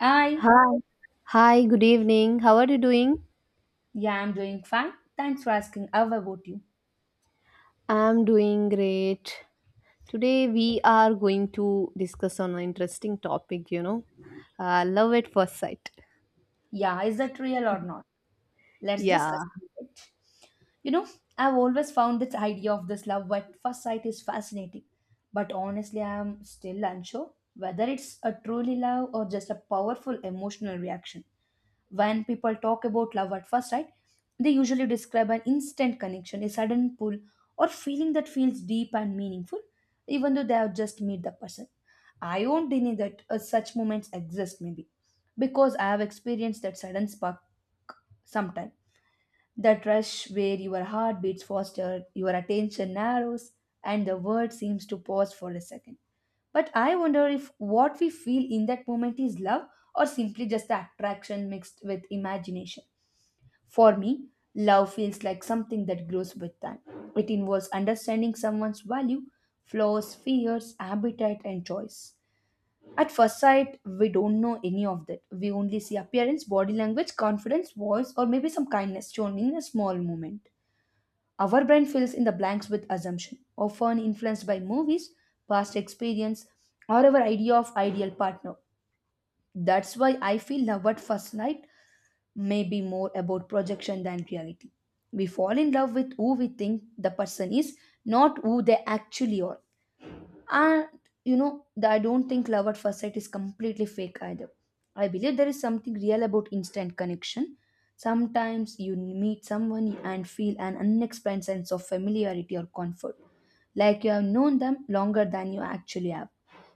I, Hi. Hi, good evening. How are you doing? yeah, I'm doing fine. Thanks for asking. How about you? I'm doing great. Today we are going to discuss on an interesting topic, you know. Love at first sight. Yeah, is that real or not? Let's Yeah. discuss it. You know, I've always found this idea of this love at first sight is fascinating, but honestly, I'm still unsure whether it's a truly love or just a powerful emotional reaction. When people talk about love at first sight, they usually describe an instant connection, a sudden pull, or feeling that feels deep and meaningful, even though they have just met the person. I won't deny that such moments exist, maybe, because I have experienced that sudden spark sometime. That rush where your heart beats faster, your attention narrows, and the world seems to pause for a second. But I wonder if what we feel in that moment is love or simply just the attraction mixed with imagination. For me, love feels like something that grows with time. It involves understanding someone's value, flaws, fears, appetite, and choice. At first sight, we don't know any of that. We only see appearance, body language, confidence, voice, or maybe some kindness shown in a small moment. Our brain fills in the blanks with assumption, often influenced by movies, past experience, or our idea of ideal partner. That's why I feel love at first sight may be more about projection than reality. We fall in love with who we think the person is, not who they actually are. And you know, I don't think love at first sight is completely fake either. I believe there is something real about instant connection. Sometimes you meet someone and feel an unexplained sense of familiarity or comfort, like you have known them longer than you actually have.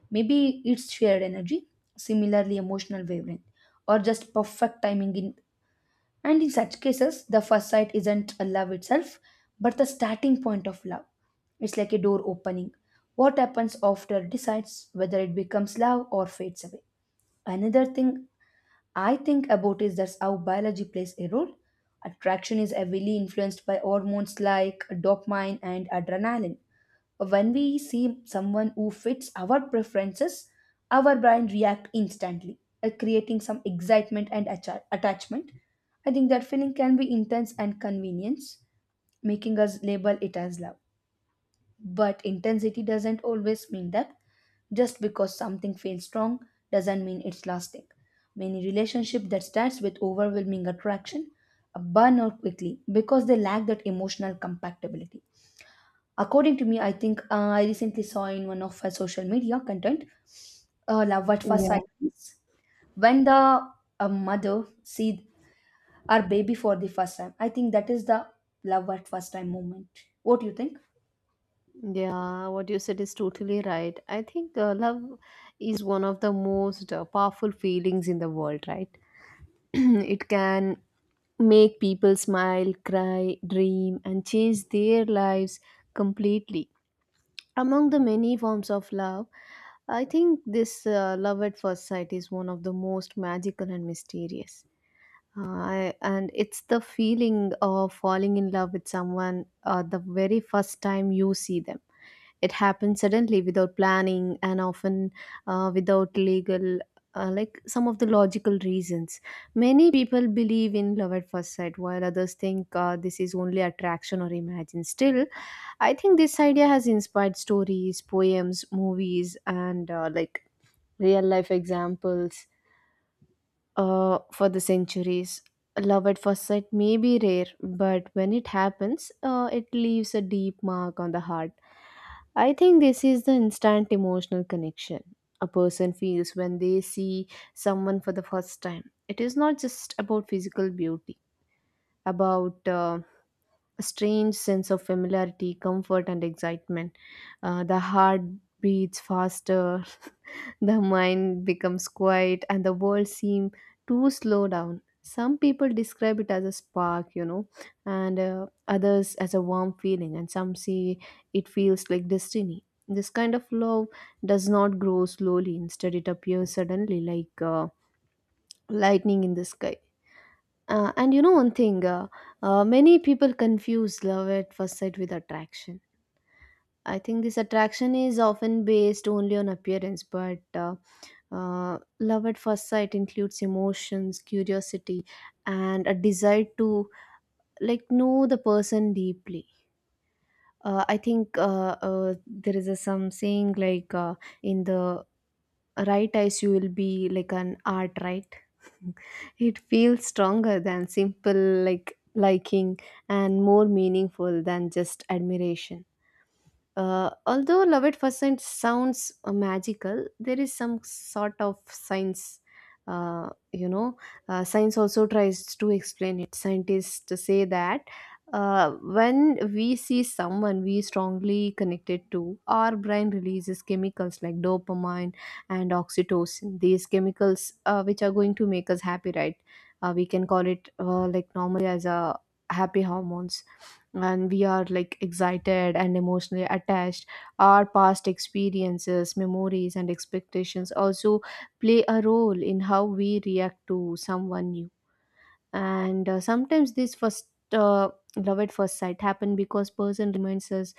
Maybe it's shared energy, similarly emotional wavelength, or just perfect timing in and in such cases, the first sight isn't a love itself, but the starting point of love. It's like a door opening. What happens after decides whether it becomes love or fades away. Another thing I think about is that's how biology plays a role. Attraction is heavily influenced by hormones like dopamine and adrenaline when we see someone who fits our preferences, our brain reacts instantly, creating some excitement and attachment. I think that feeling can be intense and convenience, making us label it as love. But intensity doesn't always mean that just because something feels strong doesn't mean it's lasting. Many relationships that starts with overwhelming attraction burn out quickly because they lack that emotional compatibility. According to me, I think I recently saw in one of her social media content love at first Yeah. sight is when the mother see our baby for the first time. I think that is the love at first time moment. What do you think? Yeah, what you said is totally right. I think love is one of the most powerful feelings in the world, right? It can make people smile, cry, dream, and change their lives completely. Among the many forms of love, I think this love at first sight is one of the most magical and mysterious. And it's the feeling of falling in love with someone the very first time you see them. It happens suddenly without planning and often without legal, like some of the logical reasons. Many people believe in love at first sight, while others think this is only attraction or imagine. Still, I think this idea has inspired stories, poems, movies, and like real life examples for the centuries. Love at first sight may be rare, but when it happens, it leaves a deep mark on the heart. I think this is the instant emotional connection a person feels when they see someone for the first time. It is not just about physical beauty, about a strange sense of familiarity, comfort, and excitement. The heart beats faster. The mind becomes quiet and the world seems to slow down. Some people describe it as a spark, you know, and others as a warm feeling, and some see it feels like destiny. This kind of love does not grow slowly. Instead, it appears suddenly like lightning in the sky. And you know, one thing many people confuse love at first sight with attraction. I think this attraction is often based only on appearance, but love at first sight includes emotions, curiosity, and a desire to like know the person deeply. I think there is a some saying like in the right eyes you will be like an art, right? It feels stronger than simple like liking and more meaningful than just admiration. Although love at first sight sounds magical, there is some sort of science. You know, science also tries to explain it. Scientists say that when we see someone we strongly connected to, our brain releases chemicals like dopamine and oxytocin. These chemicals, which are going to make us happy, right? We can call it like normally as a happy hormones, and we are like excited and emotionally attached. Our past experiences, memories, and expectations also play a role in how we react to someone new. And sometimes this first love at first sight happen because person reminds us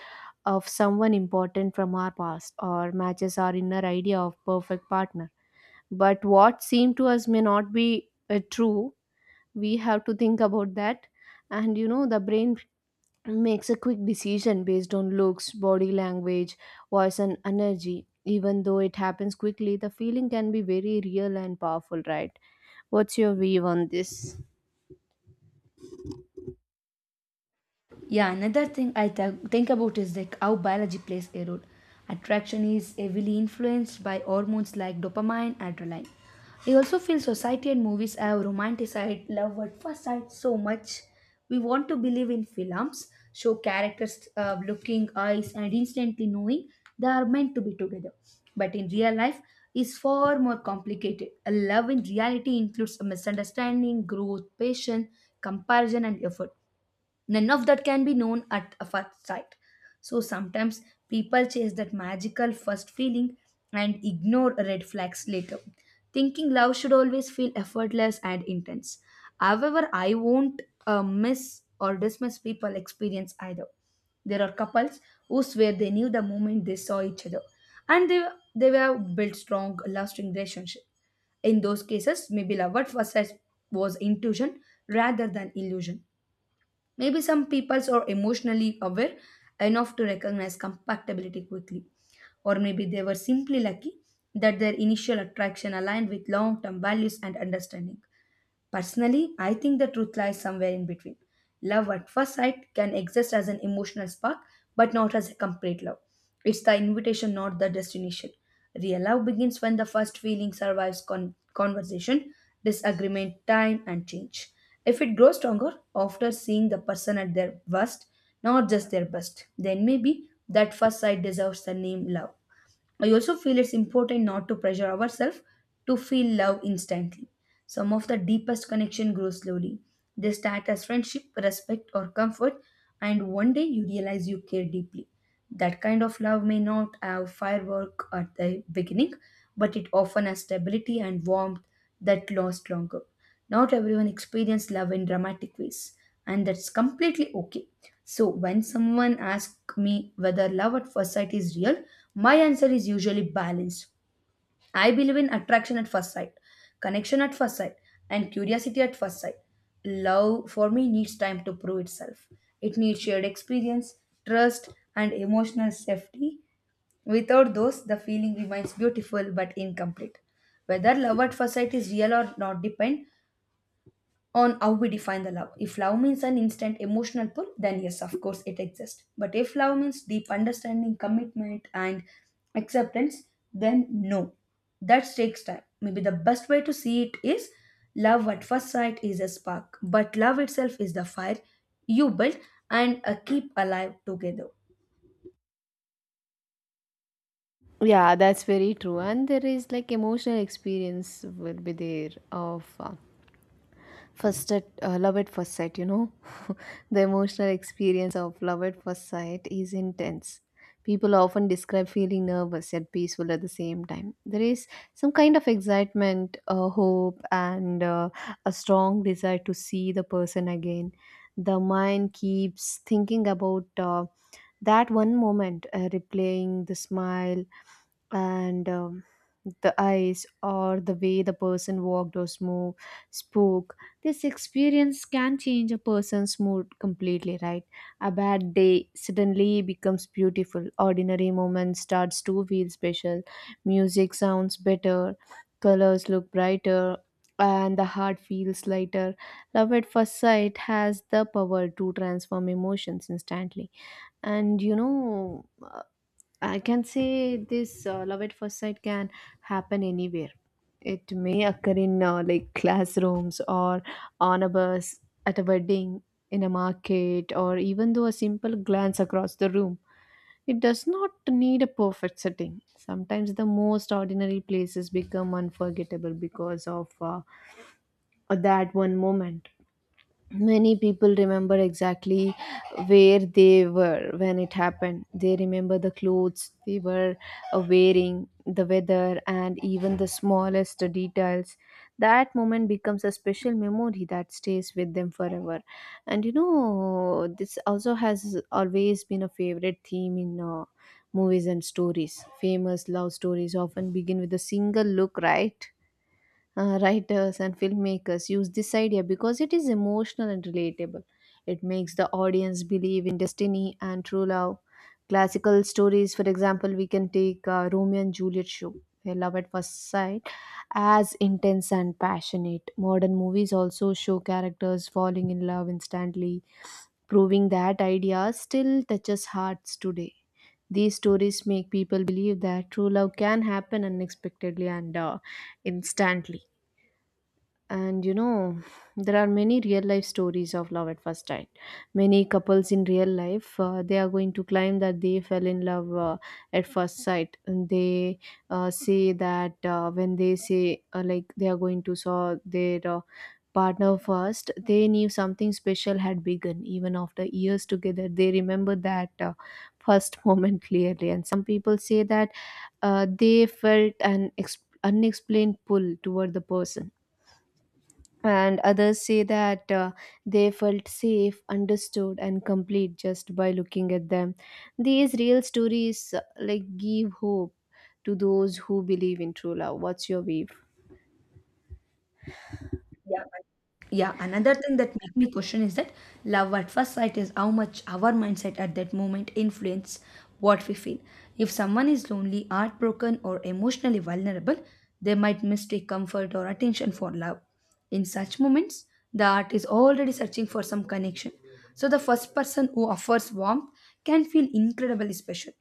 of someone important from our past or matches our inner idea of perfect partner. But what seemed to us may not be true. We have to think about that. And you know, the brain makes a quick decision based on looks, body language, voice, and energy. Even though it happens quickly, the feeling can be very real and powerful, right? What's your view on this? Yeah, another thing I think about is like how biology plays a role. Attraction is heavily influenced by hormones like dopamine, adrenaline. I also feel society and movies have romanticized love at first sight so much. We want to believe in films, show characters looking eyes and instantly knowing they are meant to be together. But in real life, is far more complicated. A love in reality includes a misunderstanding, growth, patience, comparison, and effort. None of that can be known at a first sight. So sometimes people chase that magical first feeling and ignore red flags later, thinking love should always feel effortless and intense. However, I won't miss or dismiss people experience either. There are couples who swear they knew the moment they saw each other, and they were built strong, lasting relationship. In those cases, maybe love at first sight was intuition rather than illusion. Maybe some peoples are emotionally aware enough to recognize compatibility quickly, or maybe they were simply lucky that their initial attraction aligned with long term values and understanding. Personally, I think the truth lies somewhere in between. Love at first sight can exist as an emotional spark, but not as a complete love. It's the invitation, not the destination. Real love begins when the first feeling survives conversation, disagreement, time, and change. If it grows stronger after seeing the person at their worst, not just their best, then maybe that first sight deserves the name love. I also feel it's important not to pressure ourselves to feel love instantly. Some of the deepest connection grow slowly. They start as friendship, respect, or comfort, and one day you realize you care deeply. That kind of love may not have firework at the beginning, but it often has stability and warmth that lasts longer. Not everyone experiences love in dramatic ways, and that's completely okay. So, when someone asks me whether love at first sight is real, my answer is usually balanced. I believe in attraction at first sight, connection at first sight, and curiosity at first sight. Love for me needs time to prove itself. It needs shared experience, trust, and emotional safety. Without those, the feeling remains beautiful but incomplete. Whether love at first sight is real or not depends on how we define the love. If love means an instant emotional pull, then yes, of course, it exists. But if love means deep understanding, commitment, and acceptance, then no. That takes time. Maybe the best way to see it is love at first sight is a spark, but love itself is the fire you build and keep alive together. Yeah, that's very true. And there is like emotional experience will be there of first at love at first sight, you know. The emotional experience of love at first sight is intense. People often describe feeling nervous yet peaceful at the same time. There is some kind of excitement, hope, and a strong desire to see the person again. The mind keeps thinking about that one moment, replaying the smile, and the eyes or the way the person walked or smooth spoke. This experience can change a person's mood completely, right? A bad day suddenly becomes beautiful. Ordinary moments starts to feel special. Music sounds better, colors look brighter, and the heart feels lighter. Love at first sight has the power to transform emotions instantly. And you know, I can say this love at first sight can happen anywhere. It may occur in like classrooms or on a bus, at a wedding, in a market, or even though a simple glance across the room. It does not need a perfect setting. Sometimes the most ordinary places become unforgettable because of that one moment. Many people remember exactly where they were when it happened. They remember the clothes they were wearing, the weather, and even the smallest details. That moment becomes a special memory that stays with them forever. And you know, this also has always been a favorite theme in movies and stories. Famous love stories often begin with a single look, right? Writers and filmmakers use this idea because it is emotional and relatable. It makes the audience believe in destiny and true love. Classical stories, for example, we can take Romeo and Juliet show, where love at first sight, as intense and passionate. Modern movies also show characters falling in love instantly, proving that idea still touches hearts today. These stories make people believe that true love can happen unexpectedly and instantly. And you know, there are many real life stories of love at first sight. Many couples in real life, they are going to claim that they fell in love at first sight. And they say that when they say like they are going to saw their partner first, they knew something special had begun. Even after years together, they remember that first moment clearly. And some people say that they felt an unexplained pull toward the person, and others say that they felt safe, understood, and complete just by looking at them. These real stories like give hope to those who believe in true love. What's your view? Yeah, another thing that make me question is that love at first sight is how much our mindset at that moment influence what we feel. If someone is lonely, heartbroken, or emotionally vulnerable, they might mistake comfort or attention for love. In such moments, the heart is already searching for some connection, so the first person who offers warmth can feel incredibly special.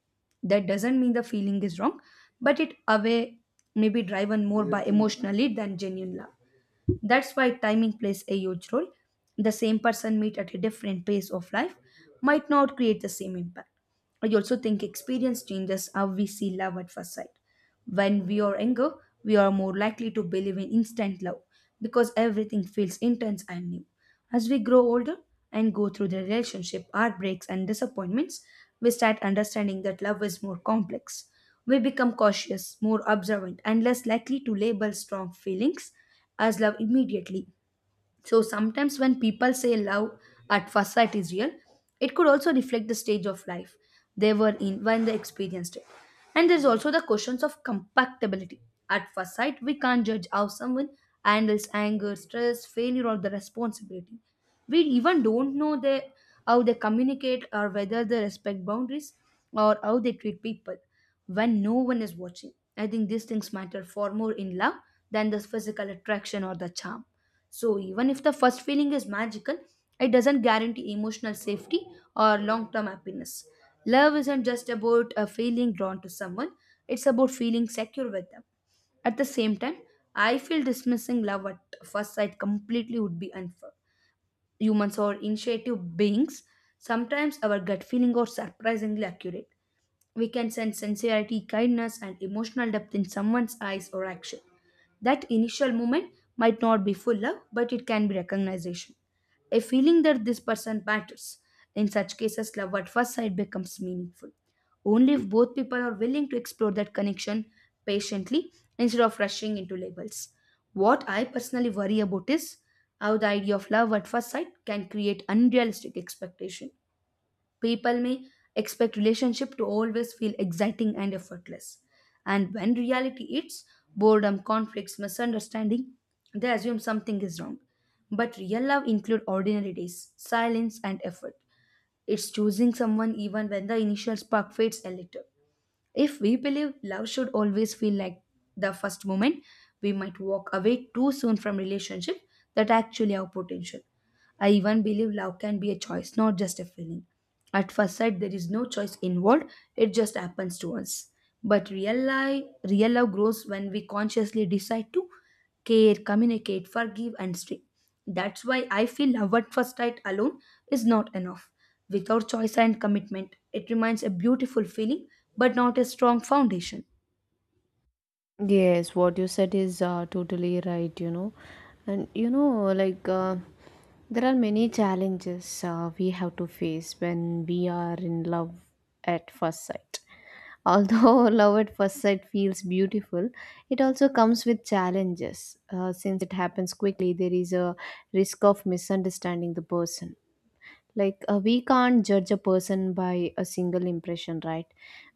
That doesn't mean the feeling is wrong, but it away may be driven more by emotional need than genuine love. That's why timing plays a huge role. The same person meet at a different pace of life might not create the same impact. I also think experience changes how we see love at first sight. When we are younger, we are more likely to believe in instant love because everything feels intense and new. As we grow older and go through the relationship, heartbreaks, and disappointments, we start understanding that love is more complex. We become cautious, more observant, and less likely to label strong feelings as love immediately. So sometimes when people say love at first sight is real, it could also reflect the stage of life they were in when they experienced it. And there's also the questions of compatibility. At first sight, we can't judge how someone handles anger, stress, failure, or the responsibility. We even don't know they, how they communicate or whether they respect boundaries or how they treat people when no one is watching. I think these things matter far more in love than the physical attraction or the charm. So, even if the first feeling is magical, it doesn't guarantee emotional safety or long term happiness. Love isn't just about a feeling drawn to someone, it's about feeling secure with them. At the same time, I feel dismissing love at first sight completely would be unfair. Humans are intuitive beings. Sometimes our gut feeling are surprisingly accurate. We can sense sincerity, kindness, and emotional depth in someone's eyes or action. That initial moment might not be full love, but it can be recognition. A feeling that this person matters. In such cases, love at first sight becomes meaningful. Only if both people are willing to explore that connection patiently instead of rushing into labels. What I personally worry about is how the idea of love at first sight can create unrealistic expectation. People may expect relationship to always feel exciting and effortless. And when reality hits, boredom, conflicts, misunderstanding, they assume something is wrong. But real love includes ordinary days, silence and effort. It's choosing someone even when the initial spark fades a little. If we believe love should always feel like the first moment, we might walk away too soon from relationship that actually have potential. I even believe love can be a choice, not just a feeling. At first sight, there is no choice involved, it just happens to us. But real life, real love grows when we consciously decide to care, communicate, forgive, and stay. That's why I feel love at first sight alone is not enough. Without choice and commitment, it remains a beautiful feeling but not a strong foundation. Yes, what you said is totally right. You know, and you know, there are many challenges we have to face when we are in love at first sight. Although love at first sight feels beautiful, it also comes with challenges. Since it happens quickly, there is a risk of misunderstanding the person. Like, we can't judge a person by a single impression, right?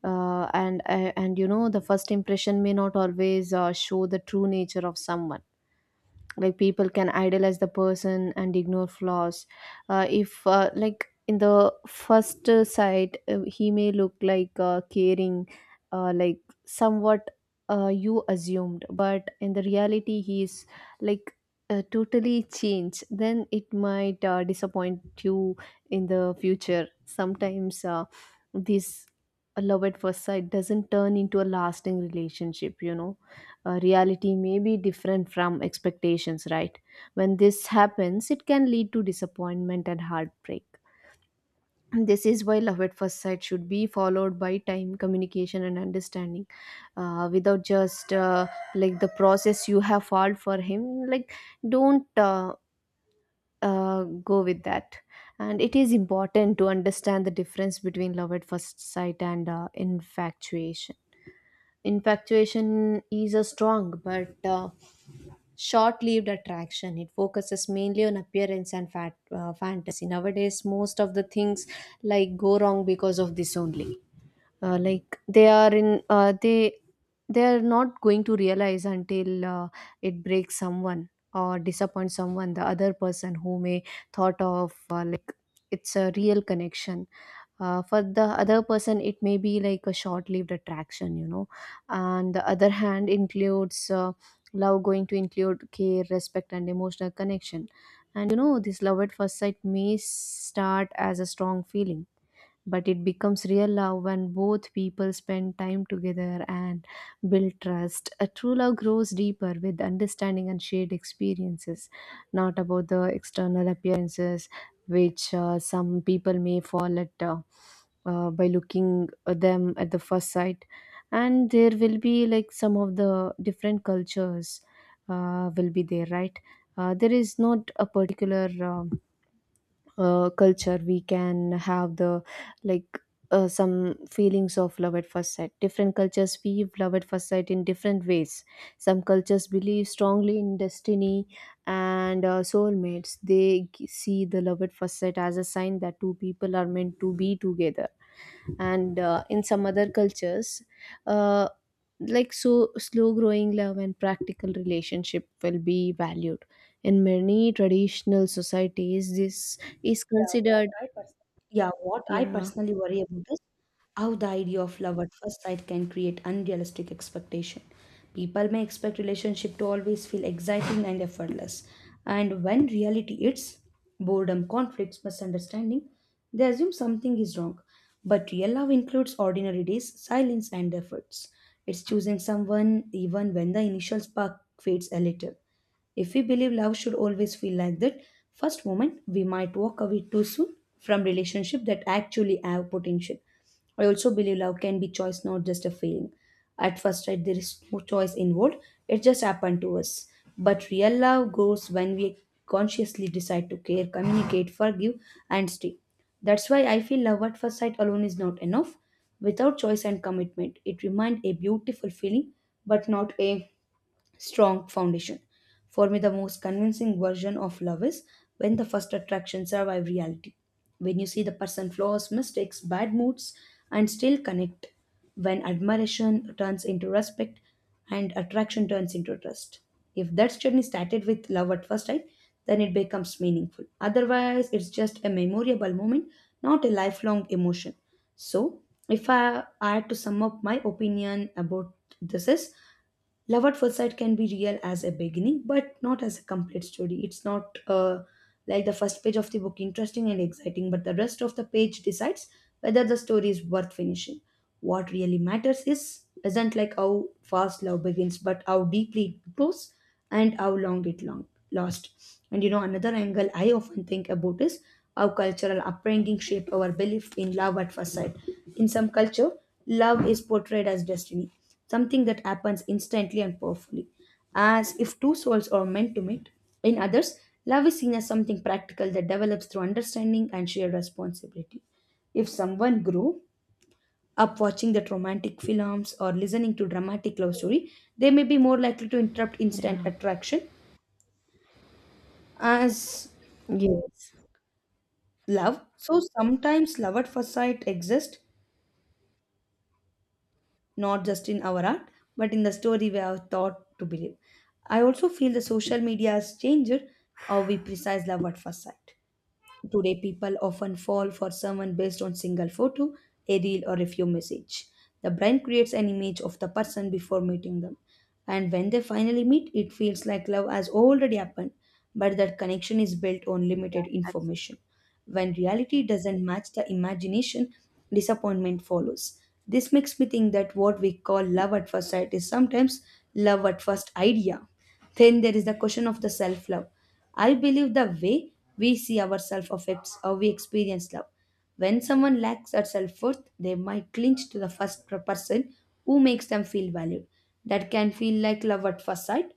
And you know, the first impression may not always show the true nature of someone. Like people can idolize the person and ignore flaws. If like in the first sight he may look like caring like somewhat you assumed, but in the reality he is like totally changed, then it might disappoint you in the future. Sometimes this love at first sight doesn't turn into a lasting relationship, you know. Reality may be different from expectations, right? When this happens, it can lead to disappointment and heartbreak. And this is why love at first sight should be followed by time, communication, and understanding. Without just like the process you have followed for him, like don't go with that. And it is important to understand the difference between love at first sight and infatuation. Infatuation is a strong but short lived attraction. It focuses mainly on appearance and fantasy. Nowadays, most of the things like go wrong because of this only. They they are not going to realize until it breaks someone or disappoints someone. The other person who may thought of like it's a real connection for the other person, it may be like a short-lived attraction, you know. And the other hand includes love going to include care, respect, and emotional connection. And you know, this love at first sight may start as a strong feeling, but it becomes real love when both people spend time together and build trust. A true love grows deeper with understanding and shared experiences, not about the external appearances, which some people may fall at by looking at them at the first sight. And there will be like some of the different cultures will be there, right? There is not a particular. Culture we can have the like some feelings of love at first sight. Different cultures view love at first sight in different ways. Some cultures believe strongly in destiny and soulmates. They see the love at first sight as a sign that two people are meant to be together. And in some other cultures, uh, like so slow growing love and practical relationship will be valued. In many traditional societies this is considered Yeah, what I yeah. personally worry about is how the idea of love at first sight can create unrealistic expectation. People may expect relationship to always feel exciting and effortless, and when reality hits, boredom, conflicts, misunderstanding, they assume something is wrong. But real love includes ordinary days, silence, and efforts. It's choosing someone even when the initial spark fades a little. If we believe love should always feel like that first moment, we might walk away too soon from relationships that actually have potential. I also believe love can be choice, not just a feeling. At first sight, there is no choice involved, it just happened to us. But real love grows when we consciously decide to care, communicate, forgive, and stay. That's why I feel love at first sight alone is not enough. Without choice and commitment, it remains a beautiful feeling, but not a strong foundation. For me, the most convincing version of love is when the first attraction survive reality. When you see the person flaws, mistakes, bad moods, and still connect. When admiration turns into respect and attraction turns into trust. If that journey started with love at first sight, then it becomes meaningful. Otherwise, it's just a memorable moment, not a lifelong emotion. So, if I had to sum up my opinion about this is: love at first sight can be real as a beginning but not as a complete story. It's not like the first page of the book, interesting and exciting, but the rest of the page decides whether the story is worth finishing. What really matters is isn't like how fast love begins but how deeply it grows and how long it long lasts. And another angle I often think about is how cultural upbringing shape our belief in love at first sight. In some culture, love is portrayed as destiny, something that happens instantly and powerfully, as if two souls are meant to meet. In others, love is seen as something practical that develops through understanding and shared responsibility. If someone grew up watching that romantic films or listening to dramatic love story, they may be more likely to interrupt instant Yeah. attraction as Yes. love. So sometimes love at first sight exists not just in our art, but in the story we are taught to believe. I also feel the social media has changed how we precise love at first sight. Today, people often fall for someone based on single photo, a reel, or a few message. The brain creates an image of the person before meeting them, and when they finally meet, it feels like love has already happened, but that connection is built on limited information. When reality doesn't match the imagination, disappointment follows. This makes me think that what we call love at first sight is sometimes love at first idea. Then there is the question of the self love. I believe the way we see ourselves affects how we experience love. When someone lacks their self worth, they might clinch to the first person who makes them feel valued. That can feel like love at first sight,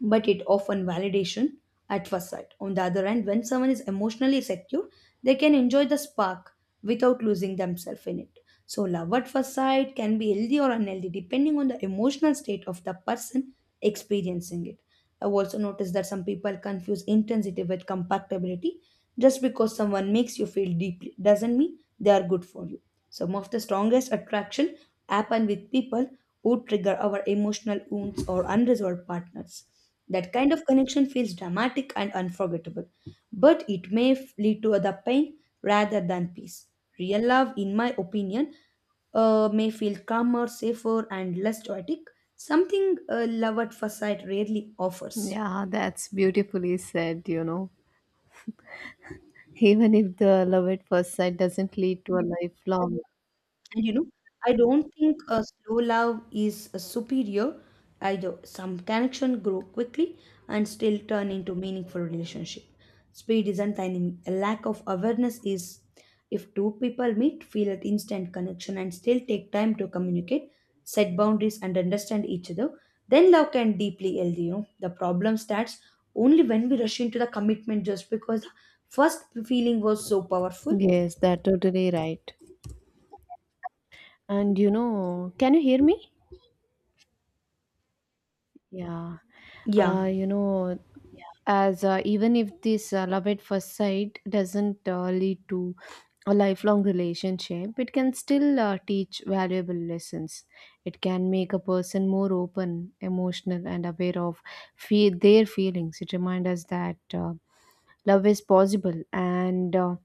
but it often validation at first sight. On the other hand, when someone is emotionally secure, they can enjoy the spark without losing themselves in it. So love at first sight can be healthy or unhealthy depending on the emotional state of the person experiencing it. I've also noticed that some people confuse intensity with compatibility. Just because someone makes you feel deeply doesn't mean they are good for you. Some of the strongest attraction happen with people who trigger our emotional wounds or unresolved partners. That kind of connection feels dramatic and unforgettable, but it may lead to other pain rather than peace. Real love, in my opinion, may feel calmer, safer, and less chaotic, something love at first sight rarely offers. Yeah, that's beautifully said, you know. Even if the love at first sight doesn't lead to a lifelong And I don't think a slow love is a superior either. Some connection grow quickly and still turn into meaningful relationship. Speed isn't the enemy. A lack of awareness is. If two people meet, feel an instant connection and still take time to communicate, set boundaries and understand each other, then love can deeply healthy. The problem starts only when we rush into the commitment just because the first feeling was so powerful. yes that totally right. And you know, can you hear me? Yeah. Yeah. You know, as Even if this love at first sight doesn't lead to a lifelong relationship, it can still teach valuable lessons. It can make a person more open, emotional, and aware of their feelings. It reminds us that love is possible and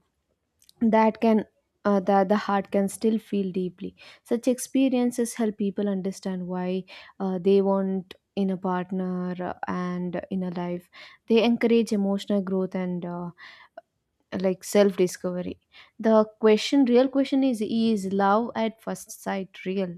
that can that the heart can still feel deeply. Such experiences help people understand why they want in a partner and in a life. They encourage emotional growth and self discovery. The question real question is love at first sight real?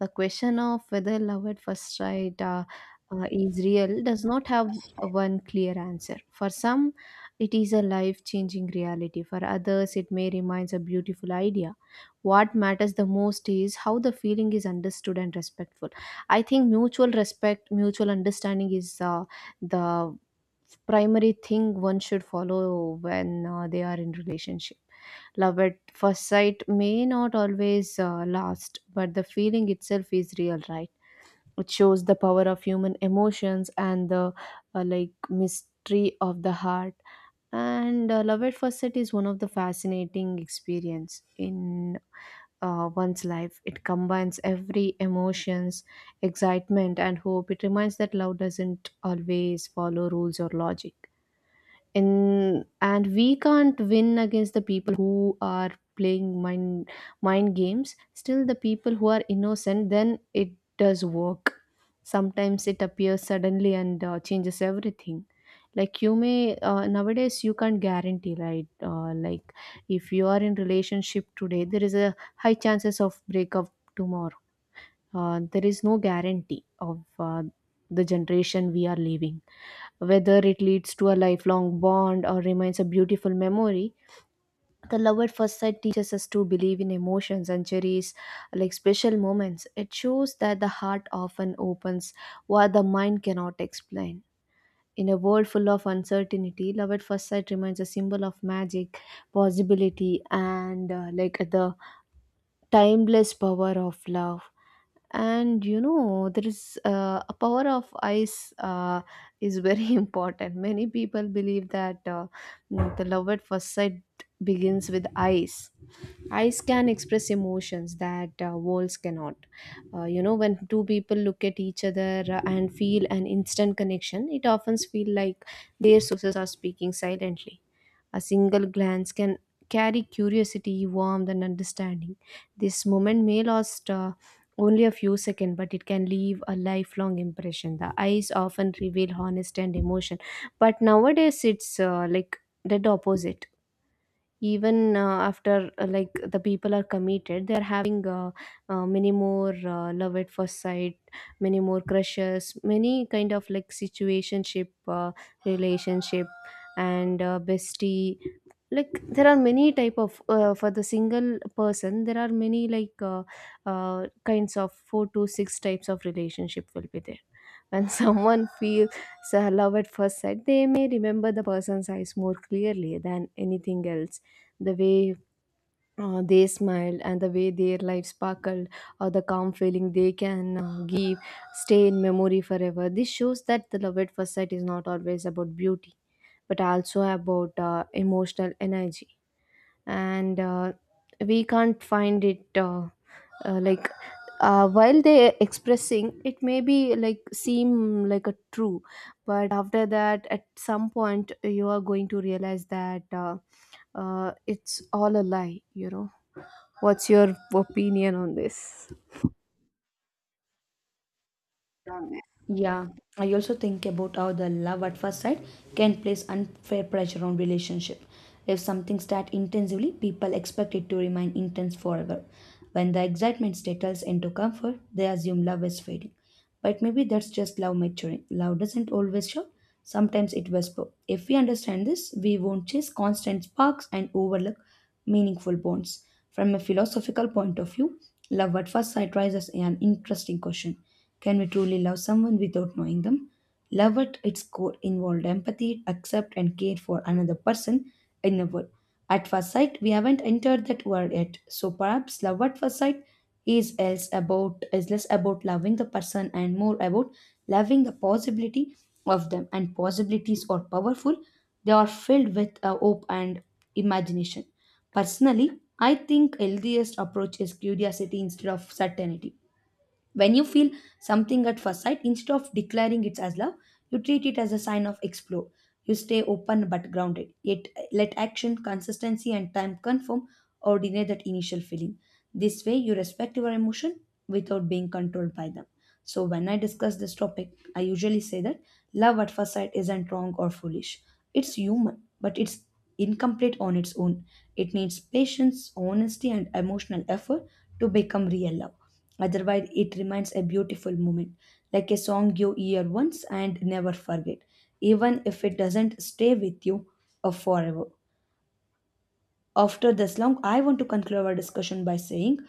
The question of whether love at first sight is real does not have one clear answer. For some, it is a life changing reality. For others, it may remain a beautiful idea. What matters the most is how the feeling is understood and respectful. I think mutual respect, mutual understanding is the primary thing one should follow when they are in relationship. Love at first sight may not always last, but the feeling itself is real, right? It shows the power of human emotions and the mystery of the heart. And Love at first sight is one of the fascinating experience in one's life. It combines every emotions, excitement, and hope. It reminds that love doesn't always follow rules or logic in, and we can't win against the people who are playing mind games. Still, the people who are innocent, then it does work. Sometimes it appears suddenly and changes everything. Like, you may nowadays you can't guarantee, right? Like if you are in relationship today, there is a high chances of breakup tomorrow. There is no guarantee of the generation we are living. Whether it leads to a lifelong bond or remains a beautiful memory, the love at first sight teaches us to believe in emotions and cherish special moments. It shows that the heart often opens what the mind cannot explain. In a world full of uncertainty, love at first sight remains a symbol of magic, possibility, and the timeless power of love. And you know, there is a power of eyes, is very important. Many people believe that the love at first sight begins with eyes. Eyes can express emotions that words cannot. You know, when two people look at each other and feel an instant connection, it often feels like their sources are speaking silently. A single glance can carry curiosity, warmth, and understanding. This moment may last only a few seconds, but it can leave a lifelong impression. The eyes often reveal honesty and emotion, but nowadays it's the opposite. Even after, the people are committed, they're having many more love at first sight, many more crushes, many kind of like situationship, relationship, and bestie. Like, there are many type of for the single person, there are many like kinds of four to six types of relationship will be there. When someone feels love at first sight, they may remember the person's eyes more clearly than anything else. The way they smiled and the way their life sparkled or the calm feeling they can give stay in memory forever. This shows that the love at first sight is not always about beauty, but also about emotional energy. And We can't find it, uh, like while they expressing it may be like seem like a true, but after that at some point you are going to realize that it's all a lie, you know? What's your opinion on this? Yeah, I also think about how the love at first sight can place unfair pressure on relationship. If something starts intensively, people expect it to remain intense forever. When the excitement settles into comfort, they assume love is fading. But maybe that's just love maturing. Love doesn't always show. Sometimes it whispers. If we understand this, we won't chase constant sparks and overlook meaningful bonds. From a philosophical point of view, love at first sight raises an interesting question. Can we truly love someone without knowing them? Love at its core involved empathy, accept, and care for another person in the world. At first sight, we haven't entered that world yet, so perhaps love at first sight is less about loving the person and more about loving the possibility of them. And possibilities are powerful; they are filled with hope and imagination. Personally, I think healthiest approach is curiosity instead of certainty. When you feel something at first sight, instead of declaring it as love, you treat it as a sign of explore. You stay open but grounded, yet let action, consistency, and time confirm or deny that initial feeling. This way, you respect your emotion without being controlled by them. So, when I discuss this topic, I usually say that love at first sight isn't wrong or foolish. It's human, but it's incomplete on its own. It needs patience, honesty, and emotional effort to become real love. Otherwise, it remains a beautiful moment, like a song you hear once and never forget, even if it doesn't stay with you forever. After this long, I want to conclude our discussion by saying,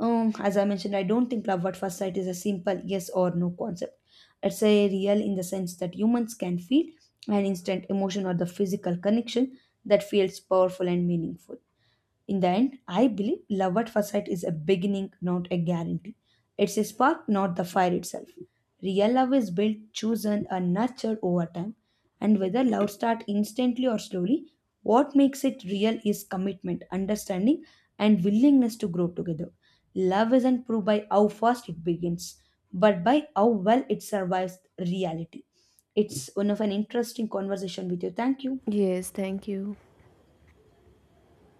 as I mentioned, I don't think love at first sight is a simple yes or no concept. It's a real in the sense that humans can feel an instant emotion or the physical connection that feels powerful and meaningful. In the end, I believe love at first sight is a beginning, not a guarantee. It's a spark, not the fire itself. Real love is built, chosen, and nurtured over time. And whether love starts instantly or slowly, what makes it real is commitment, understanding, and willingness to grow together. Love isn't proved by how fast it begins, but by how well it survives reality. It's one of an interesting conversation with you. Thank you. Yes, thank you.